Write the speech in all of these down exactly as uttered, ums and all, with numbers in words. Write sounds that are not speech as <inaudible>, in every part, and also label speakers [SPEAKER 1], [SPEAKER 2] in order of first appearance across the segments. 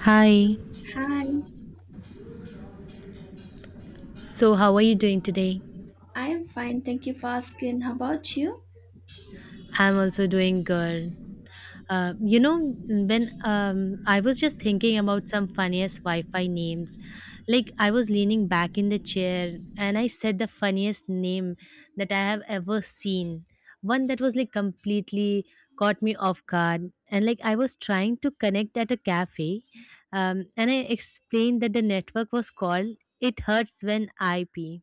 [SPEAKER 1] Hi.
[SPEAKER 2] Hi,
[SPEAKER 1] So, how are you doing today?
[SPEAKER 2] I am fine. Thank you for asking. How about you?
[SPEAKER 1] I'm also doing good. Uh, you know, when um, I was just thinking about some funniest Wi Fi names, like I was leaning back in the chair and I said the funniest name that I have ever seen. One that was like completely caught me off guard. And like I was trying to connect at a cafe, um, and I explained that the network was called It Hurts When I Pee,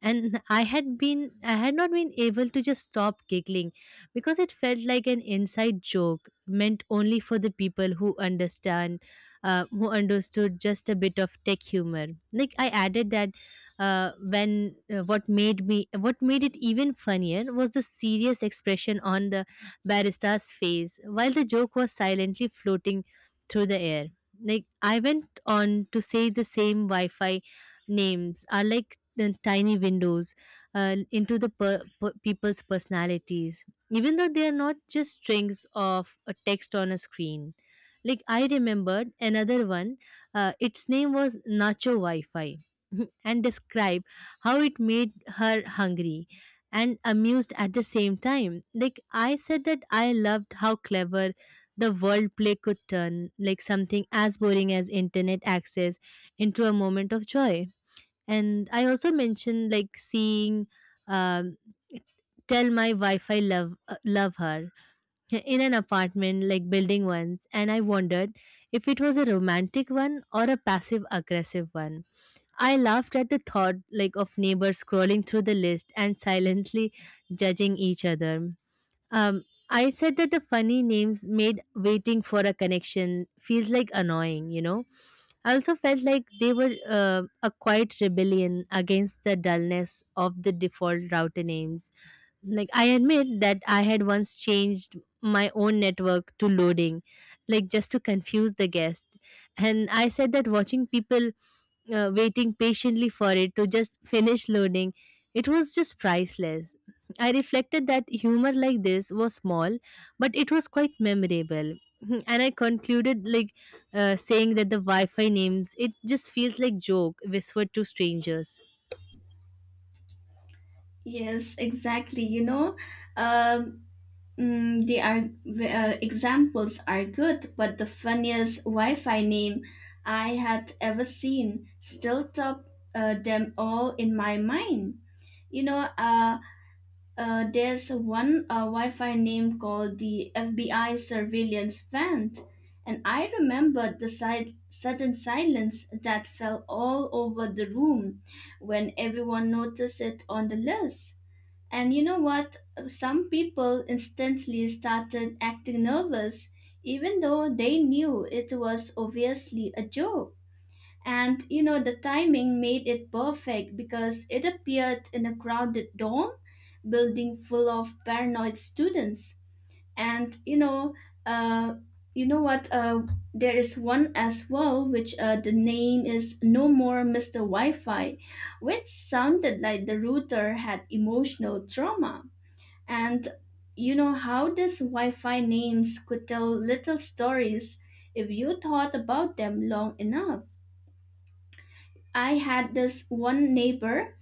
[SPEAKER 1] and i had been i had not been able to just stop giggling because it felt like an inside joke meant only for the people who understand, uh, who understood just a bit of tech humor. Like I added that, uh, when uh, what made me what made it even funnier was the serious expression on the barista's face while the joke was silently floating through the air. Like I went on to say the same wi-fi names are like the tiny windows, uh, into the per- per- people's personalities, even though they are not just strings of a text on a screen. Like I remembered another one, uh, its name was nacho wi-fi, <laughs> and described how it made her hungry and amused at the same time. Like I said that I loved how clever the world play could turn, like something as boring as internet access, into a moment of joy. And I also mentioned like seeing, um, tell my wi-fi love uh, love her in an apartment like building once, and I wondered if it was a romantic one or a passive aggressive one. I laughed at the thought like of neighbors scrolling through the list and silently judging each other. um, I said that the funny names made waiting for a connection feels like annoying you know I also felt like they were, uh, a quiet rebellion against the dullness of the default router names. Like I admit that I had once changed my own network to loading, like just to confuse the guest. And I said that watching people, uh, waiting patiently for it to just finish loading, it was just priceless. I reflected that humor like this was small, but it was quite memorable. <laughs> And I concluded like, uh, saying that the wi-fi names, it just feels like joke whispered to strangers.
[SPEAKER 2] Yes, exactly. You know, um, mm, the are uh, examples are good, but the funniest Wi-Fi name I had ever seen still top uh, them all in my mind. You know, uh, Uh, there's one uh, Wi-Fi name called the F B I surveillance Vent, and I remember the si- sudden silence that fell all over the room when everyone noticed it on the list. And you know what? Some people instantly started acting nervous, even though they knew it was obviously a joke. And you know, the timing made it perfect because it appeared in a crowded dorm building full of paranoid students. And you know, uh, you know what? Uh, there is one as well, which uh, the name is No More Mister Wi-Fi, which sounded like the router had emotional trauma. And you know how these Wi-Fi names could tell little stories if you thought about them long enough. I had this one neighbor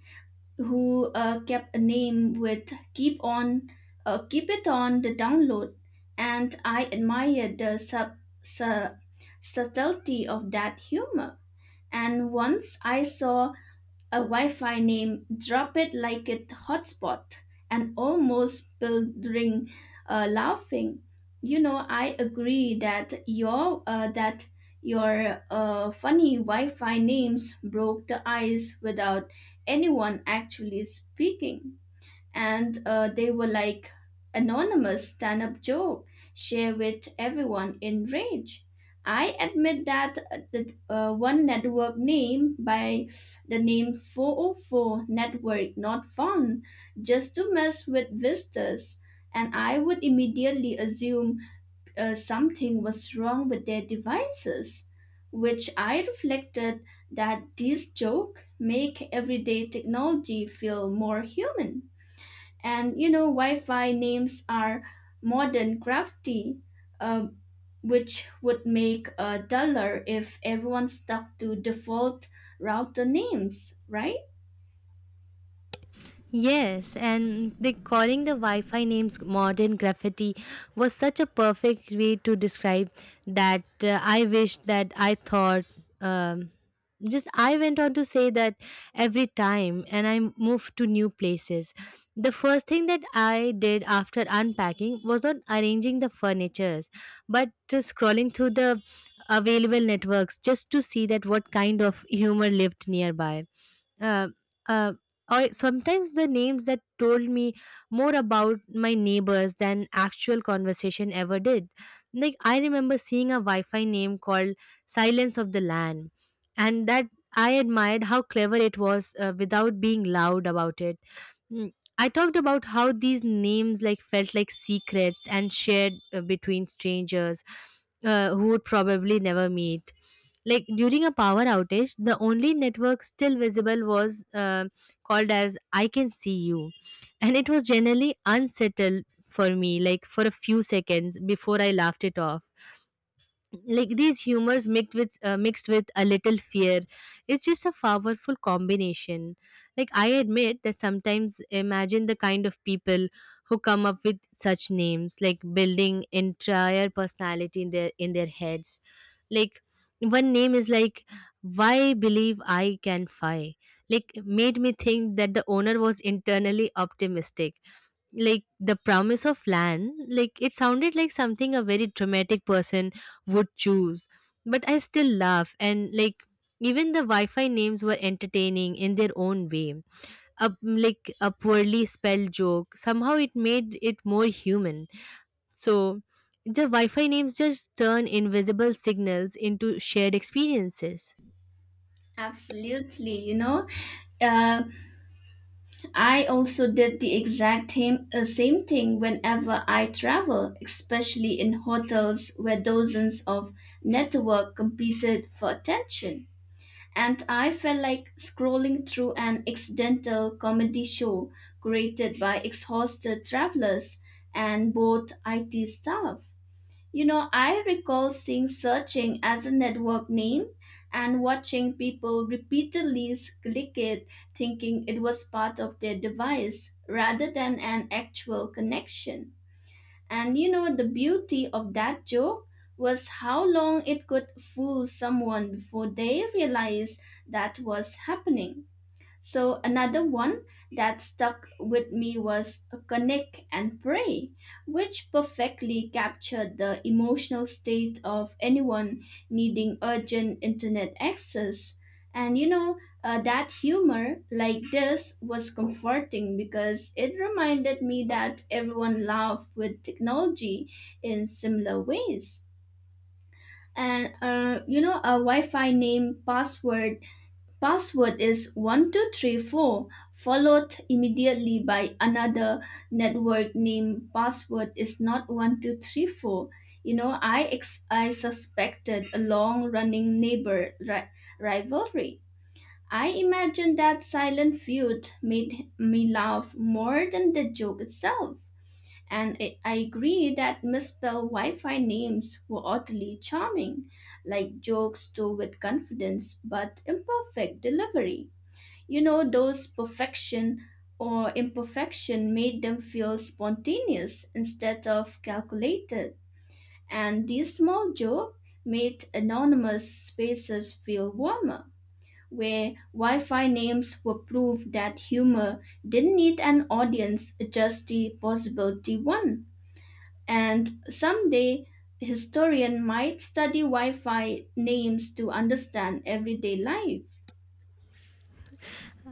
[SPEAKER 2] who uh, kept a name with keep on uh, keep it on the download, and I admired the sub, su- subtlety of that humor. And once I saw a Wi-Fi name drop it like it hotspot and almost building uh, laughing. You know, I agree that your uh, that your uh, funny Wi-Fi names broke the ice without anyone actually speaking, and uh, they were like anonymous stand-up joke share with everyone in rage. I admit that uh, the uh, one network name by the name four oh four network not found, just to mess with visitors, and I would immediately assume uh, something was wrong with their devices, which I reflected that this joke make everyday technology feel more human. And you know, Wi-Fi names are modern crafty, uh, which would make uh, duller if everyone stuck to default router names, right?
[SPEAKER 1] Yes, and the calling the Wi-Fi names modern graffiti was such a perfect way to describe that, uh, I wish that I thought. Um, just I went on to say that every time, and I moved to new places. The first thing that I did after unpacking was on arranging the furnitures, but just scrolling through the available networks just to see that what kind of humor lived nearby, uh, uh, or sometimes the names that told me more about my neighbors than actual conversation ever did. Like I remember seeing a Wi-Fi name called Silence of the Land, and that I admired how clever it was, uh, without being loud about it. Mm. I talked about how these names like felt like secrets and shared, uh, between strangers, uh, who would probably never meet. Like during a power outage, the only network still visible was, uh, called as "I can see you," and it was generally unsettled for me, like for a few seconds before I laughed it off. Like these humors mixed with uh, mixed with a little fear, it's just a powerful combination. Like I admit that sometimes imagine the kind of people who come up with such names, like building entire personality in their in their heads. Like one name is like why believe I can fly, like made me think that the owner was internally optimistic. Like the promise of land, like it sounded like something a very dramatic person would choose. But I still laugh, and like even the wi-fi names were entertaining in their own way, a, like a poorly spelled joke, somehow it made it more human. So the wi-fi names just turn invisible signals into shared experiences.
[SPEAKER 2] Absolutely, you know. Uh, I also did the exact same, uh, same thing whenever I travel, especially in hotels where dozens of network competed for attention, and I felt like scrolling through an accidental comedy show created by exhausted travelers and bored I T staff. You know, I recall seeing searching as a network name and watching people repeatedly s- click it, thinking it was part of their device rather than an actual connection. And you know, the beauty of that joke was how long it could fool someone before they realized that was happening. So another one that stuck with me was Connect and Pray, which perfectly captured the emotional state of anyone needing urgent internet access. And you know, uh, that humor like this was comforting because it reminded me that everyone laughed with technology in similar ways. And uh, you know, a Wi Fi name password Password is one two three four, followed immediately by another network name password is not one two three four. You know, I ex- I suspected a long running neighbor ri- rivalry. I imagine that silent feud made me laugh more than the joke itself. And I I agree that misspelled Wi Fi names were oddly charming, like jokes told with confidence but imperfect delivery. You know, those perfection or imperfection made them feel spontaneous instead of calculated. And this small joke made anonymous spaces feel warmer, where Wi Fi names were proof that humor didn't need an audience, just the possibility one. And someday, historian might study Wi Fi names to understand everyday life.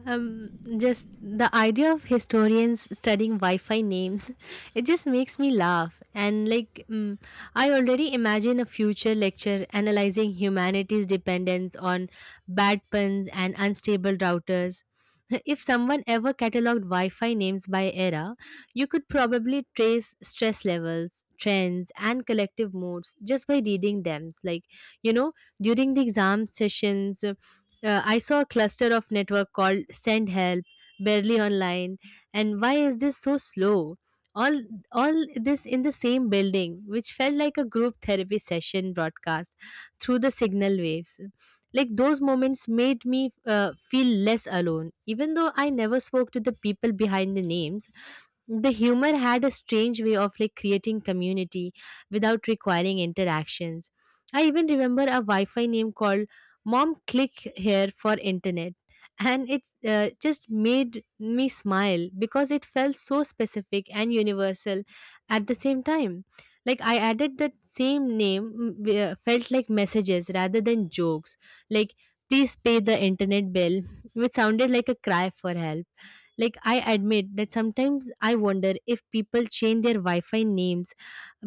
[SPEAKER 1] Um, just the idea of historians studying Wi-Fi names, <laughs> it just makes me laugh. And like, mm, I already imagine a future lecture analyzing humanity's dependence on bad puns and unstable routers. <laughs> If someone ever cataloged Wi-Fi names by era, you could probably trace stress levels, trends, and collective moods just by reading them. Like, you know, during the exam sessions. Uh, I saw a cluster of network called Send Help, barely online. And why is this so slow? All, all this in the same building, which felt like a group therapy session broadcast through the signal waves. Like those moments made me, uh, feel less alone, even though I never spoke to the people behind the names. The humor had a strange way of like creating community without requiring interactions. I even remember a Wi-Fi name called Mom Click Here for Internet, and it, uh, just made me smile because it felt so specific and universal at the same time. Like I added that same name, mm, we, uh, felt like messages rather than jokes. Like please pay the internet bill, which sounded like a cry for help. Like, I admit that sometimes I wonder if people change their Wi Fi names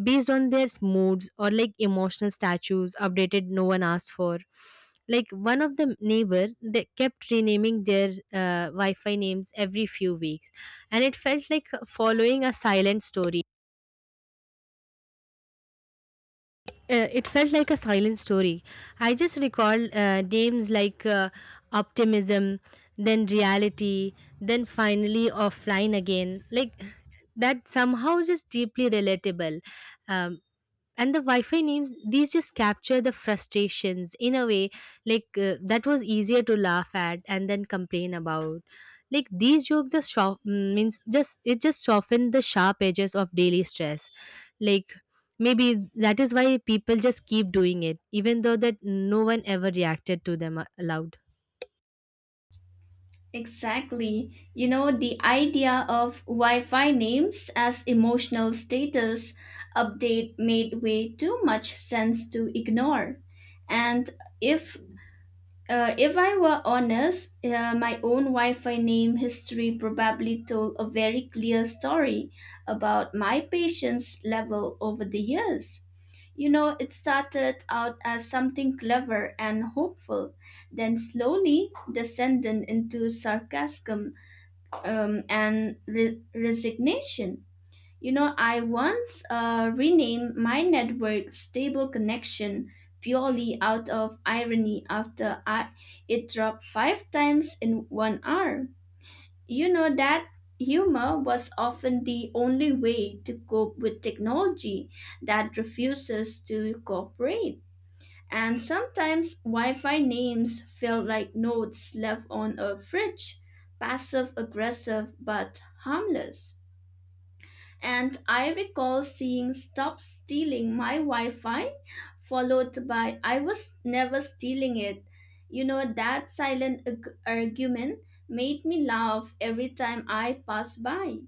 [SPEAKER 1] based on their moods, or like emotional statues updated no one asked for. Like, one of the neighbor they kept renaming their, uh, Wi Fi names every few weeks, and it felt like following a silent story. Uh, it felt like a silent story. I just recalled, uh, names like, uh, optimism, then reality, then finally offline again. Like that somehow just deeply relatable. Um, and the wi-fi names, these just capture the frustrations in a way like, uh, that was easier to laugh at and then complain about. Like these joke the shop means, just it just softened the sharp edges of daily stress. Like maybe that is why people just keep doing it, even though that no one ever reacted to them, uh, aloud.
[SPEAKER 2] Exactly. You know, the idea of Wi Fi names as emotional status update made way too much sense to ignore. And if Uh, if I were honest, uh, my own Wi Fi name history probably told a very clear story about my patience level over the years. You know, it started out as something clever and hopeful, then slowly descended into sarcasm um, and re- resignation. You know, I once uh, renamed my network Stable Connection purely out of irony after I, it dropped five times in one hour. You know that humor was often the only way to cope with technology that refuses to cooperate. And sometimes Wi Fi names felt like notes left on a fridge, passive aggressive but harmless, and I recall seeing Stop Stealing My Wi Fi, followed by I Was Never Stealing It. You know, that silent ag- argument made me laugh every time I passed by.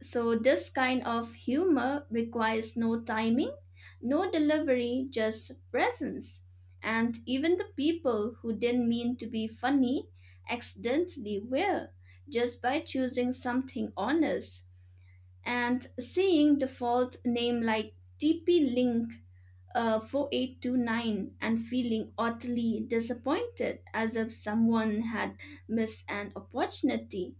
[SPEAKER 2] So, this kind of humor requires no timing, no delivery, just presence. And even the people who didn't mean to be funny accidentally were, just by choosing something honest. And seeing the fault name like T P Link uh, four eight two nine and feeling utterly disappointed as if someone had missed an opportunity.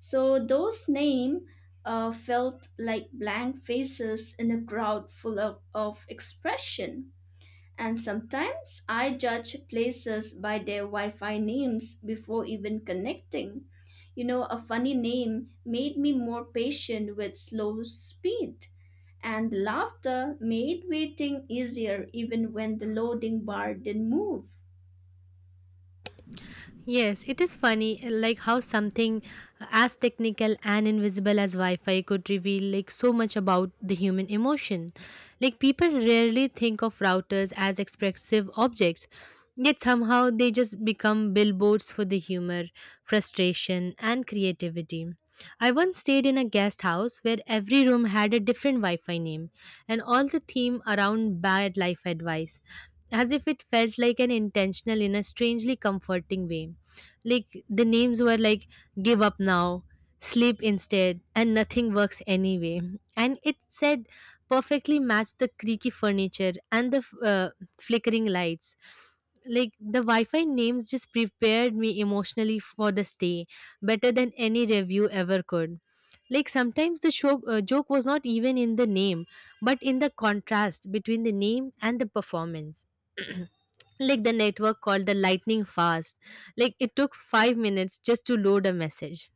[SPEAKER 2] So those names uh, felt like blank faces in a crowd full of, of expression. And sometimes I judge places by their Wi Fi names before even connecting. You know, a funny name made me more patient with slow speed, and laughter made waiting easier even when the loading bar didn't move.
[SPEAKER 1] Yes, it is funny, uh, like how something as technical and invisible as Wi-Fi could reveal like so much about the human emotion. Like people rarely think of routers as expressive objects, yet somehow they just become billboards for the humor, frustration and creativity. I once stayed in a guest house where every room had a different Wi-Fi name, and all the theme around bad life advice, as if it felt like an intentional in a strangely comforting way. Like the names were like give up now, sleep instead, and nothing works anyway. And it said perfectly matched the creaky furniture and the, uh, flickering lights. Like the Wi-Fi names just prepared me emotionally for the stay better than any review ever could. Like sometimes the show, uh, joke was not even in the name, but in the contrast between the name and the performance. <clears throat> Like the network called the lightning fast, like it took five minutes just to load a message.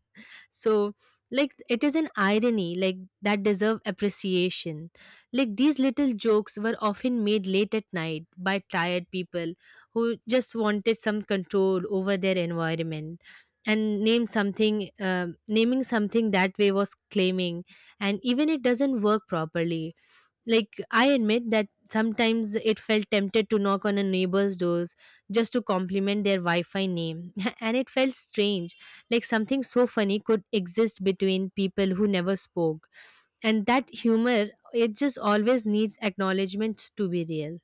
[SPEAKER 1] So like it is an irony, like that deserve appreciation. Like these little jokes were often made late at night by tired people who just wanted some control over their environment, and name something, um naming something that way was claiming, and even it doesn't work properly. Like, I admit that sometimes it felt tempted to knock on a neighbor's doors just to compliment their Wi Fi name. <laughs> And it felt strange, like something so funny could exist between people who never spoke. And that humor, it just always needs acknowledgement to be real.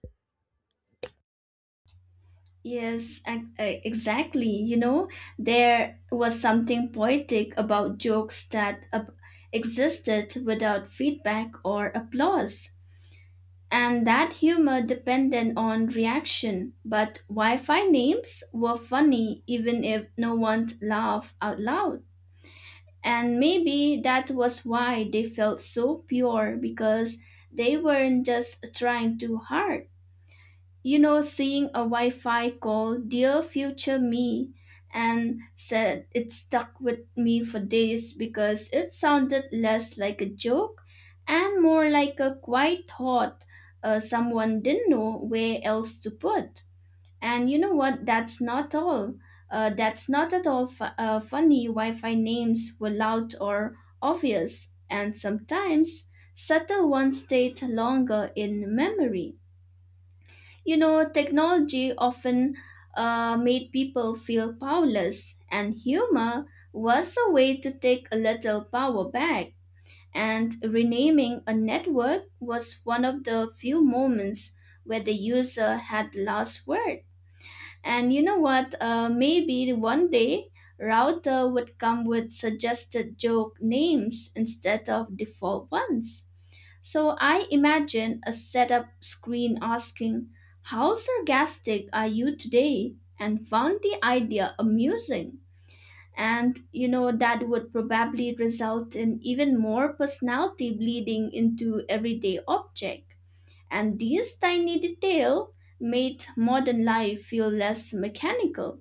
[SPEAKER 2] Yes, ac- uh, exactly. You know, there was something poetic about jokes that ab- existed without feedback or applause, and that humor depended on reaction. But Wi Fi names were funny even if no one laughed out loud. And maybe that was why they felt so pure, because they weren't just trying too hard. You know, seeing a Wi Fi call, Dear Future Me, and said it stuck with me for days because it sounded less like a joke and more like a quiet thought uh, someone didn't know where else to put. And you know what? That's not all. Uh, that's not at all fu- uh, funny. Wi Fi names were loud or obvious, and sometimes subtle ones stayed longer in memory. You know, technology often uh, made people feel powerless, and humor was a way to take a little power back. And renaming a network was one of the few moments where the user had the last word. And you know what? Uh, maybe one day router would come with suggested joke names instead of default ones. So I imagine a setup screen asking, How sarcastic are you today? And found the idea amusing. And you know, that would probably result in even more personality bleeding into everyday objects, and these tiny details made modern life feel less mechanical.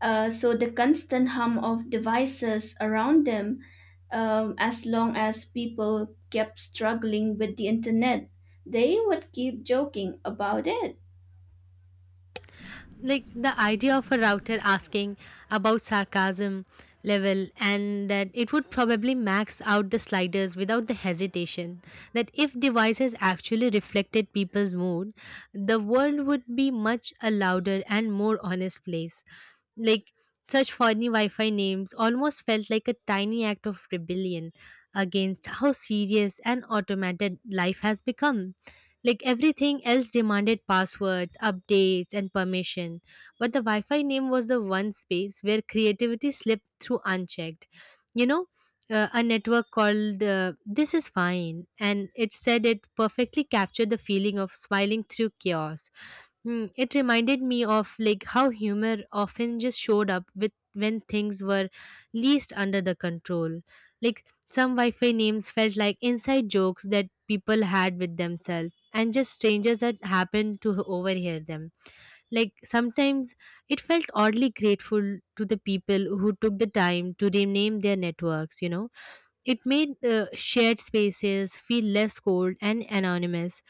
[SPEAKER 2] Uh, so the constant hum of devices around them, um, as long as people kept struggling with the internet, they would keep joking about it.
[SPEAKER 1] Like the idea of a router asking about sarcasm level, and that it would probably max out the sliders without the hesitation, that if devices actually reflected people's mood, the world would be much a louder and more honest place. Like such funny wi-fi names almost felt like a tiny act of rebellion against how serious and automated life has become. Like everything else demanded passwords, updates, and permission. But the Wi Fi name was the one space where creativity slipped through unchecked. You know, uh, a network called, uh, This Is Fine, and it said it perfectly captured the feeling of smiling through chaos. Mm, it reminded me of like how humor often just showed up with when things were least under the control. Like some Wi-Fi names felt like inside jokes that people had with themselves and just strangers that happened to h- overhear them. Like sometimes it felt oddly grateful to the people who took the time to rename their networks, you know. It made, uh, shared spaces feel less cold and anonymous.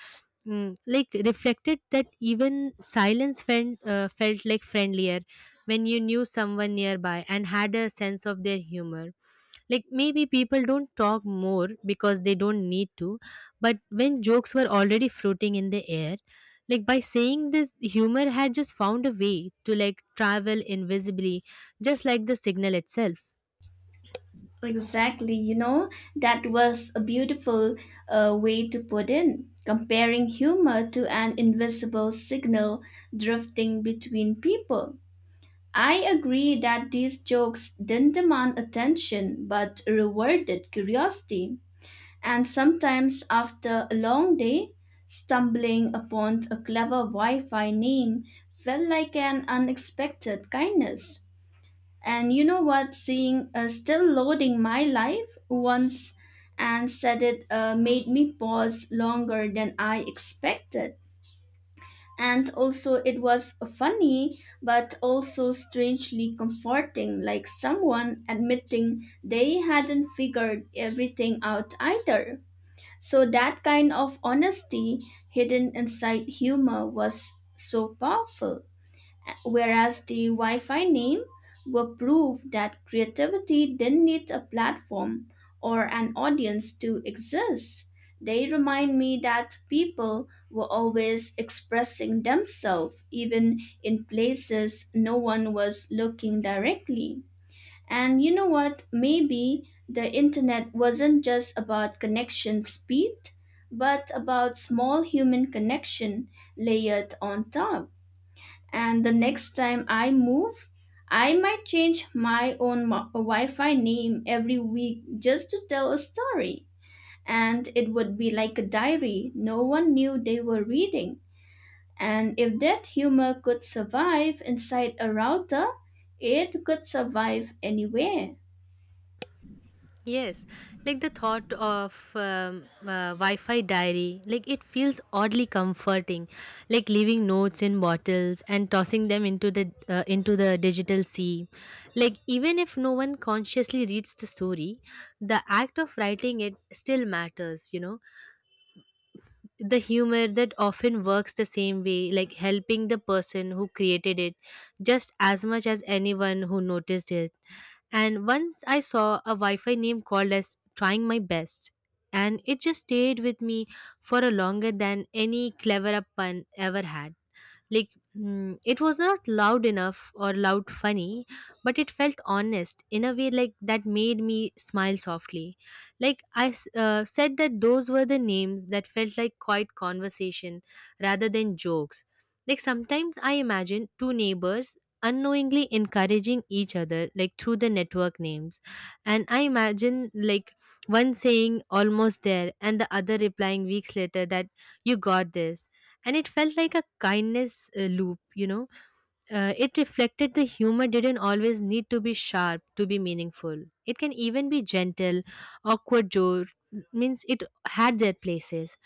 [SPEAKER 1] Mm, like reflected that even silence felt, uh, felt like friendlier when you knew someone nearby and had a sense of their humor. Like maybe people don't talk more because they don't need to, but when jokes were already floating in the air, like by saying this, humor had just found a way to like travel invisibly, just like the signal itself.
[SPEAKER 2] Exactly, you know, that was a beautiful uh, way to put in, comparing humor to an invisible signal drifting between people. I agree that these jokes didn't demand attention but rewarded curiosity. And sometimes, after a long day, stumbling upon a clever Wi Fi name felt like an unexpected kindness. And you know what? Seeing uh, still loading my life once and said it uh, made me pause longer than I expected, and also it was funny but also strangely comforting, like someone admitting they hadn't figured everything out either. So that kind of honesty hidden inside humor was so powerful, whereas the Wi-Fi name were proof that creativity didn't need a platform or an audience to exist. They remind me that people were always expressing themselves, even in places no one was looking directly. And you know what? Maybe the internet wasn't just about connection speed, but about small human connection layered on top, and the next time I move, I might change my own mo- Wi Fi name every week just to tell a story. And it would be like a diary no one knew they were reading. And if that humor could survive inside a router, it could survive anywhere.
[SPEAKER 1] Yes, like the thought of um, uh, Wi Fi diary, like it feels oddly comforting, like leaving notes in bottles and tossing them into the uh, into the digital sea. Like even if no one consciously reads the story, the act of writing it still matters. You know, the humor that often works the same way, like helping the person who created it, just as much as anyone who noticed it. And once I saw a Wi Fi name called as Trying My Best, and it just stayed with me for a longer than any clever up pun ever had. Like mm, it was not loud enough or loud funny, but it felt honest in a way like that made me smile softly. Like i s- uh, said that those were the names that felt like quiet conversation rather than jokes. Like sometimes I imagine two neighbors unknowingly encouraging each other like through the network names. And I imagine like one saying almost there and the other replying weeks later that you got this, and it felt like a kindness uh, loop, you know. Uh, it reflected the humor didn't always need to be sharp to be meaningful. It can even be gentle. Awkward joke means it had their places.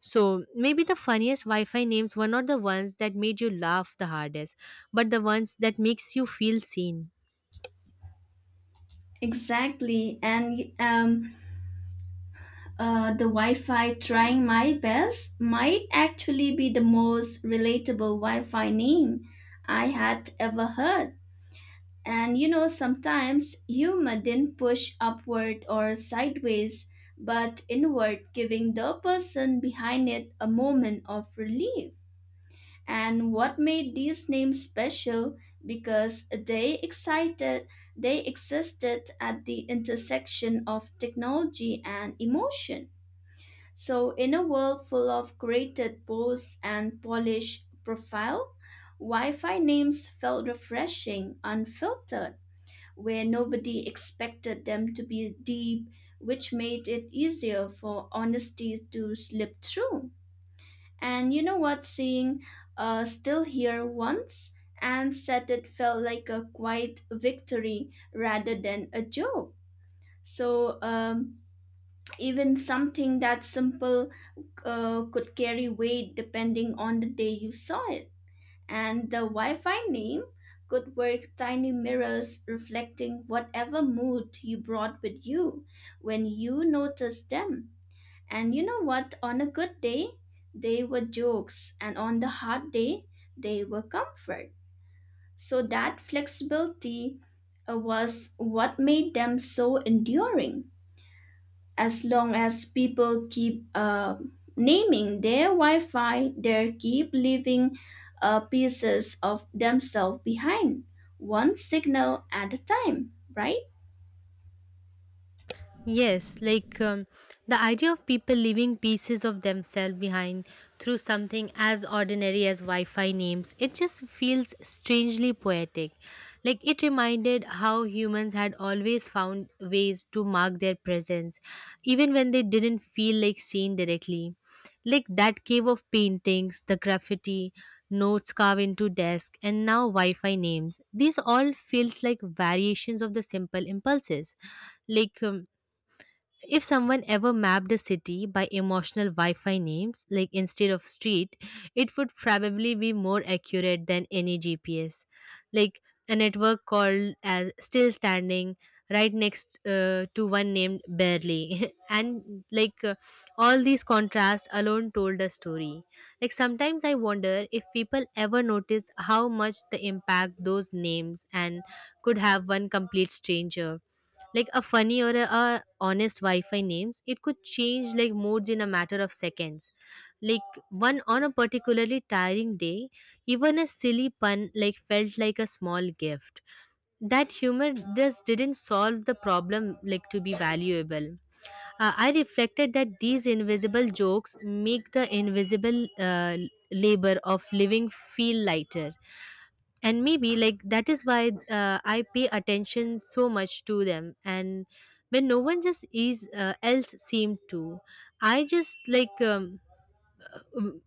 [SPEAKER 1] So maybe the funniest wi-fi names were not the ones that made you laugh the hardest, but the ones that makes you feel seen.
[SPEAKER 2] Exactly. And um, uh, the Wi Fi trying my best might actually be the most relatable Wi Fi name I had ever heard. And you know, sometimes you didn't push upward or sideways, but inward, giving the person behind it a moment of relief. And what made these names special? Because they excited, they existed at the intersection of technology and emotion. So, in a world full of created posts and polished profile, Wi Fi names felt refreshing, unfiltered, where nobody expected them to be deep, which made it easier for honesty to slip through. And you know what? Seeing uh, Still Here once and said it felt like a quiet victory rather than a joke. So, um, even something that simple uh, could carry weight depending on the day you saw it, and the Wi-Fi name could work tiny mirrors reflecting whatever mood you brought with you when you noticed them. And you know what? On a good day, they were jokes, and on the hard day, they were comfort. So that flexibility uh, was what made them so enduring. As long as people keep uh, naming their Wi-Fi, they keep leaving uh, pieces of themselves behind, one signal at a time, right?
[SPEAKER 1] Yes, like um, the idea of people leaving pieces of themselves behind through something as ordinary as Wi Fi names, it just feels strangely poetic. Like it reminded how humans had always found ways to mark their presence, even when they didn't feel like seen directly. Like that cave of paintings, the graffiti, notes carved into desk, and now Wi Fi names. These all feels like variations of the simple impulses. Like um, if someone ever mapped a city by emotional Wi Fi names, like instead of street, it would probably be more accurate than any G P S. Like a network called as Still Standing, right next uh, to one named Barely. <laughs> And like uh, all these contrasts alone told a story. Like sometimes I wonder if people ever notice how much the impact those names and could have one complete stranger. Like a funny or a, a honest wi-fi names, it could change like modes in a matter of seconds. Like one on a particularly tiring day, even a silly pun like felt like a small gift. That humor just didn't solve the problem like to be valuable. uh, I reflected that these invisible jokes make the invisible uh, labor of living feel lighter. And maybe like that is why uh, I pay attention so much to them. And when no one just is uh, else seem to, I just like um, um,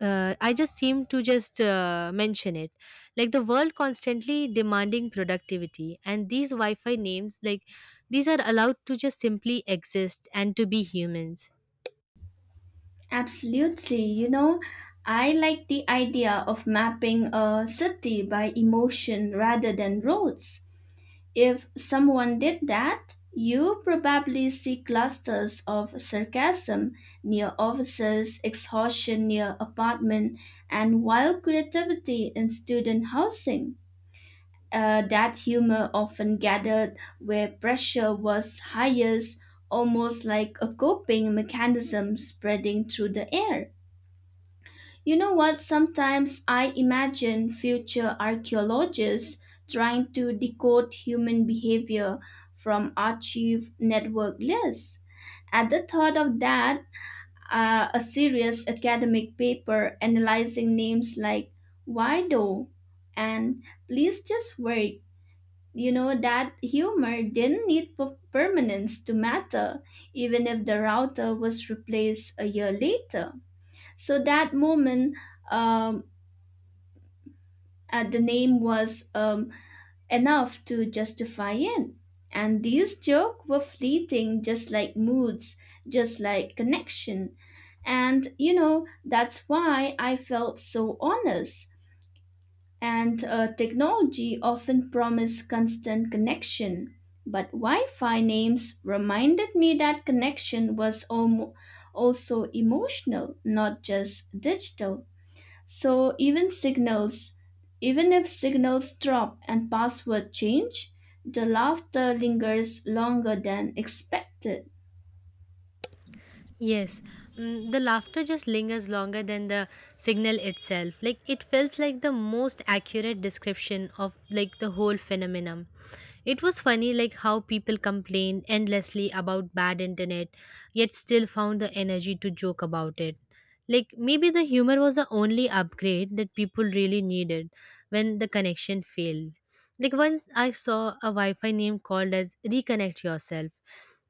[SPEAKER 1] uh, I just seem to just uh, mention it. Like the world constantly demanding productivity, and these wi-fi names like these are allowed to just simply exist and to be humans.
[SPEAKER 2] Absolutely. You know, I like the idea of mapping a city by emotion rather than roads. If someone did that, you probably see clusters of sarcasm near offices, exhaustion near apartment, and wild creativity in student housing. Uh, that humor often gathered where pressure was highest, almost like a coping mechanism spreading through the air. You know what? Sometimes I imagine future archaeologists trying to decode human behavior from archive network lists. At the thought of that, uh, a serious academic paper analyzing names like Wido and Please Just Wait. You know that humor didn't need per- permanence to matter, even if the router was replaced a year later. So that moment um, uh, the name was um, enough to justify it. And these jokes were fleeting, just like moods, just like connection. And you know, that's why I felt so honest. And uh, technology often promised constant connection. But Wi Fi names reminded me that connection was almo- also emotional, not just digital. So even signals, even if signals drop and password change, the laughter lingers longer than expected.
[SPEAKER 1] Yes, mm, the laughter just lingers longer than the signal itself. Like it felt like the most accurate description of like the whole phenomenon. It was funny like how people complained endlessly about bad internet, yet still found the energy to joke about it. Like maybe the humor was the only upgrade that people really needed when the connection failed. Like once I saw a Wi-Fi name called as reconnect yourself,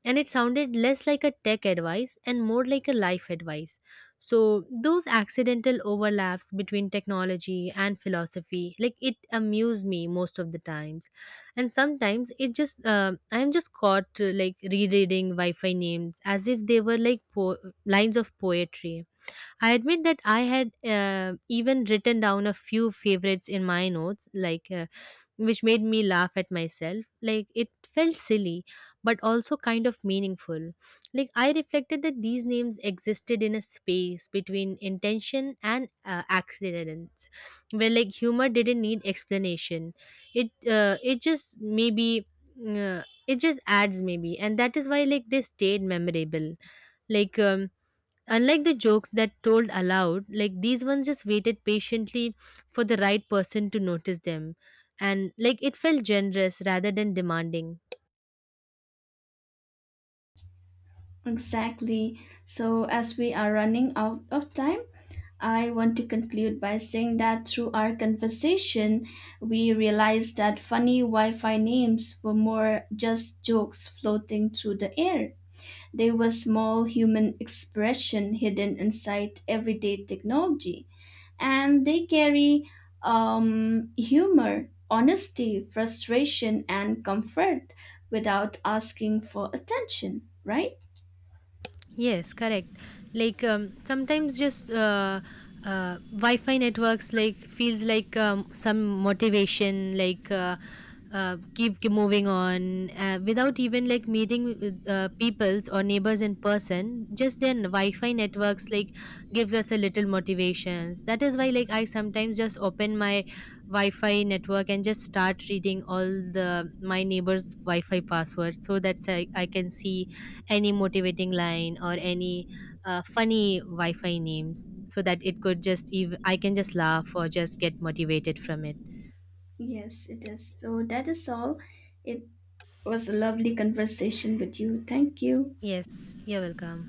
[SPEAKER 1] and it sounded less like a tech advice and more like a life advice. So those accidental overlaps between technology and philosophy, like it amuse me most of the times, and sometimes it just uh, I'm just caught uh, like rereading Wi-Fi names as if they were like po- lines of poetry. I admit that I had uh, even written down a few favorites in my notes, like uh, which made me laugh at myself. Like it felt silly, but also kind of meaningful. Like I reflected that these names existed in a space between intention and uh, accidents, where like humor didn't need explanation. It uh, it just maybe. Uh, it just adds maybe, and that is why like they stayed memorable. Like um unlike the jokes that told aloud, like these ones just waited patiently for the right person to notice them. And like it felt generous rather than demanding.
[SPEAKER 2] Exactly. So as we are running out of time, I want to conclude by saying that through our conversation, we realized that funny Wi-Fi names were more just jokes floating through the air. They were small human expression hidden inside everyday technology, and they carry um, humor, honesty, frustration, and comfort without asking for attention, right?
[SPEAKER 1] Yes, correct. Like um, sometimes just uh, uh, Wi-Fi networks like feels like um, some motivation, like uh, uh, keep keep moving on uh, without even like meeting with, uh, peoples or neighbors in person. Just then Wi-Fi networks like gives us a little motivations. That is why like I sometimes just open my Wi-Fi network and just start reading all the my neighbors' Wi-Fi passwords, so that's I, I can see any motivating line or any uh, funny wi-fi names, so that it could just ev- I can just laugh or just get motivated from it.
[SPEAKER 2] Yes, it is. So that is all. It was a lovely conversation with you. Thank you.
[SPEAKER 1] Yes, you're welcome.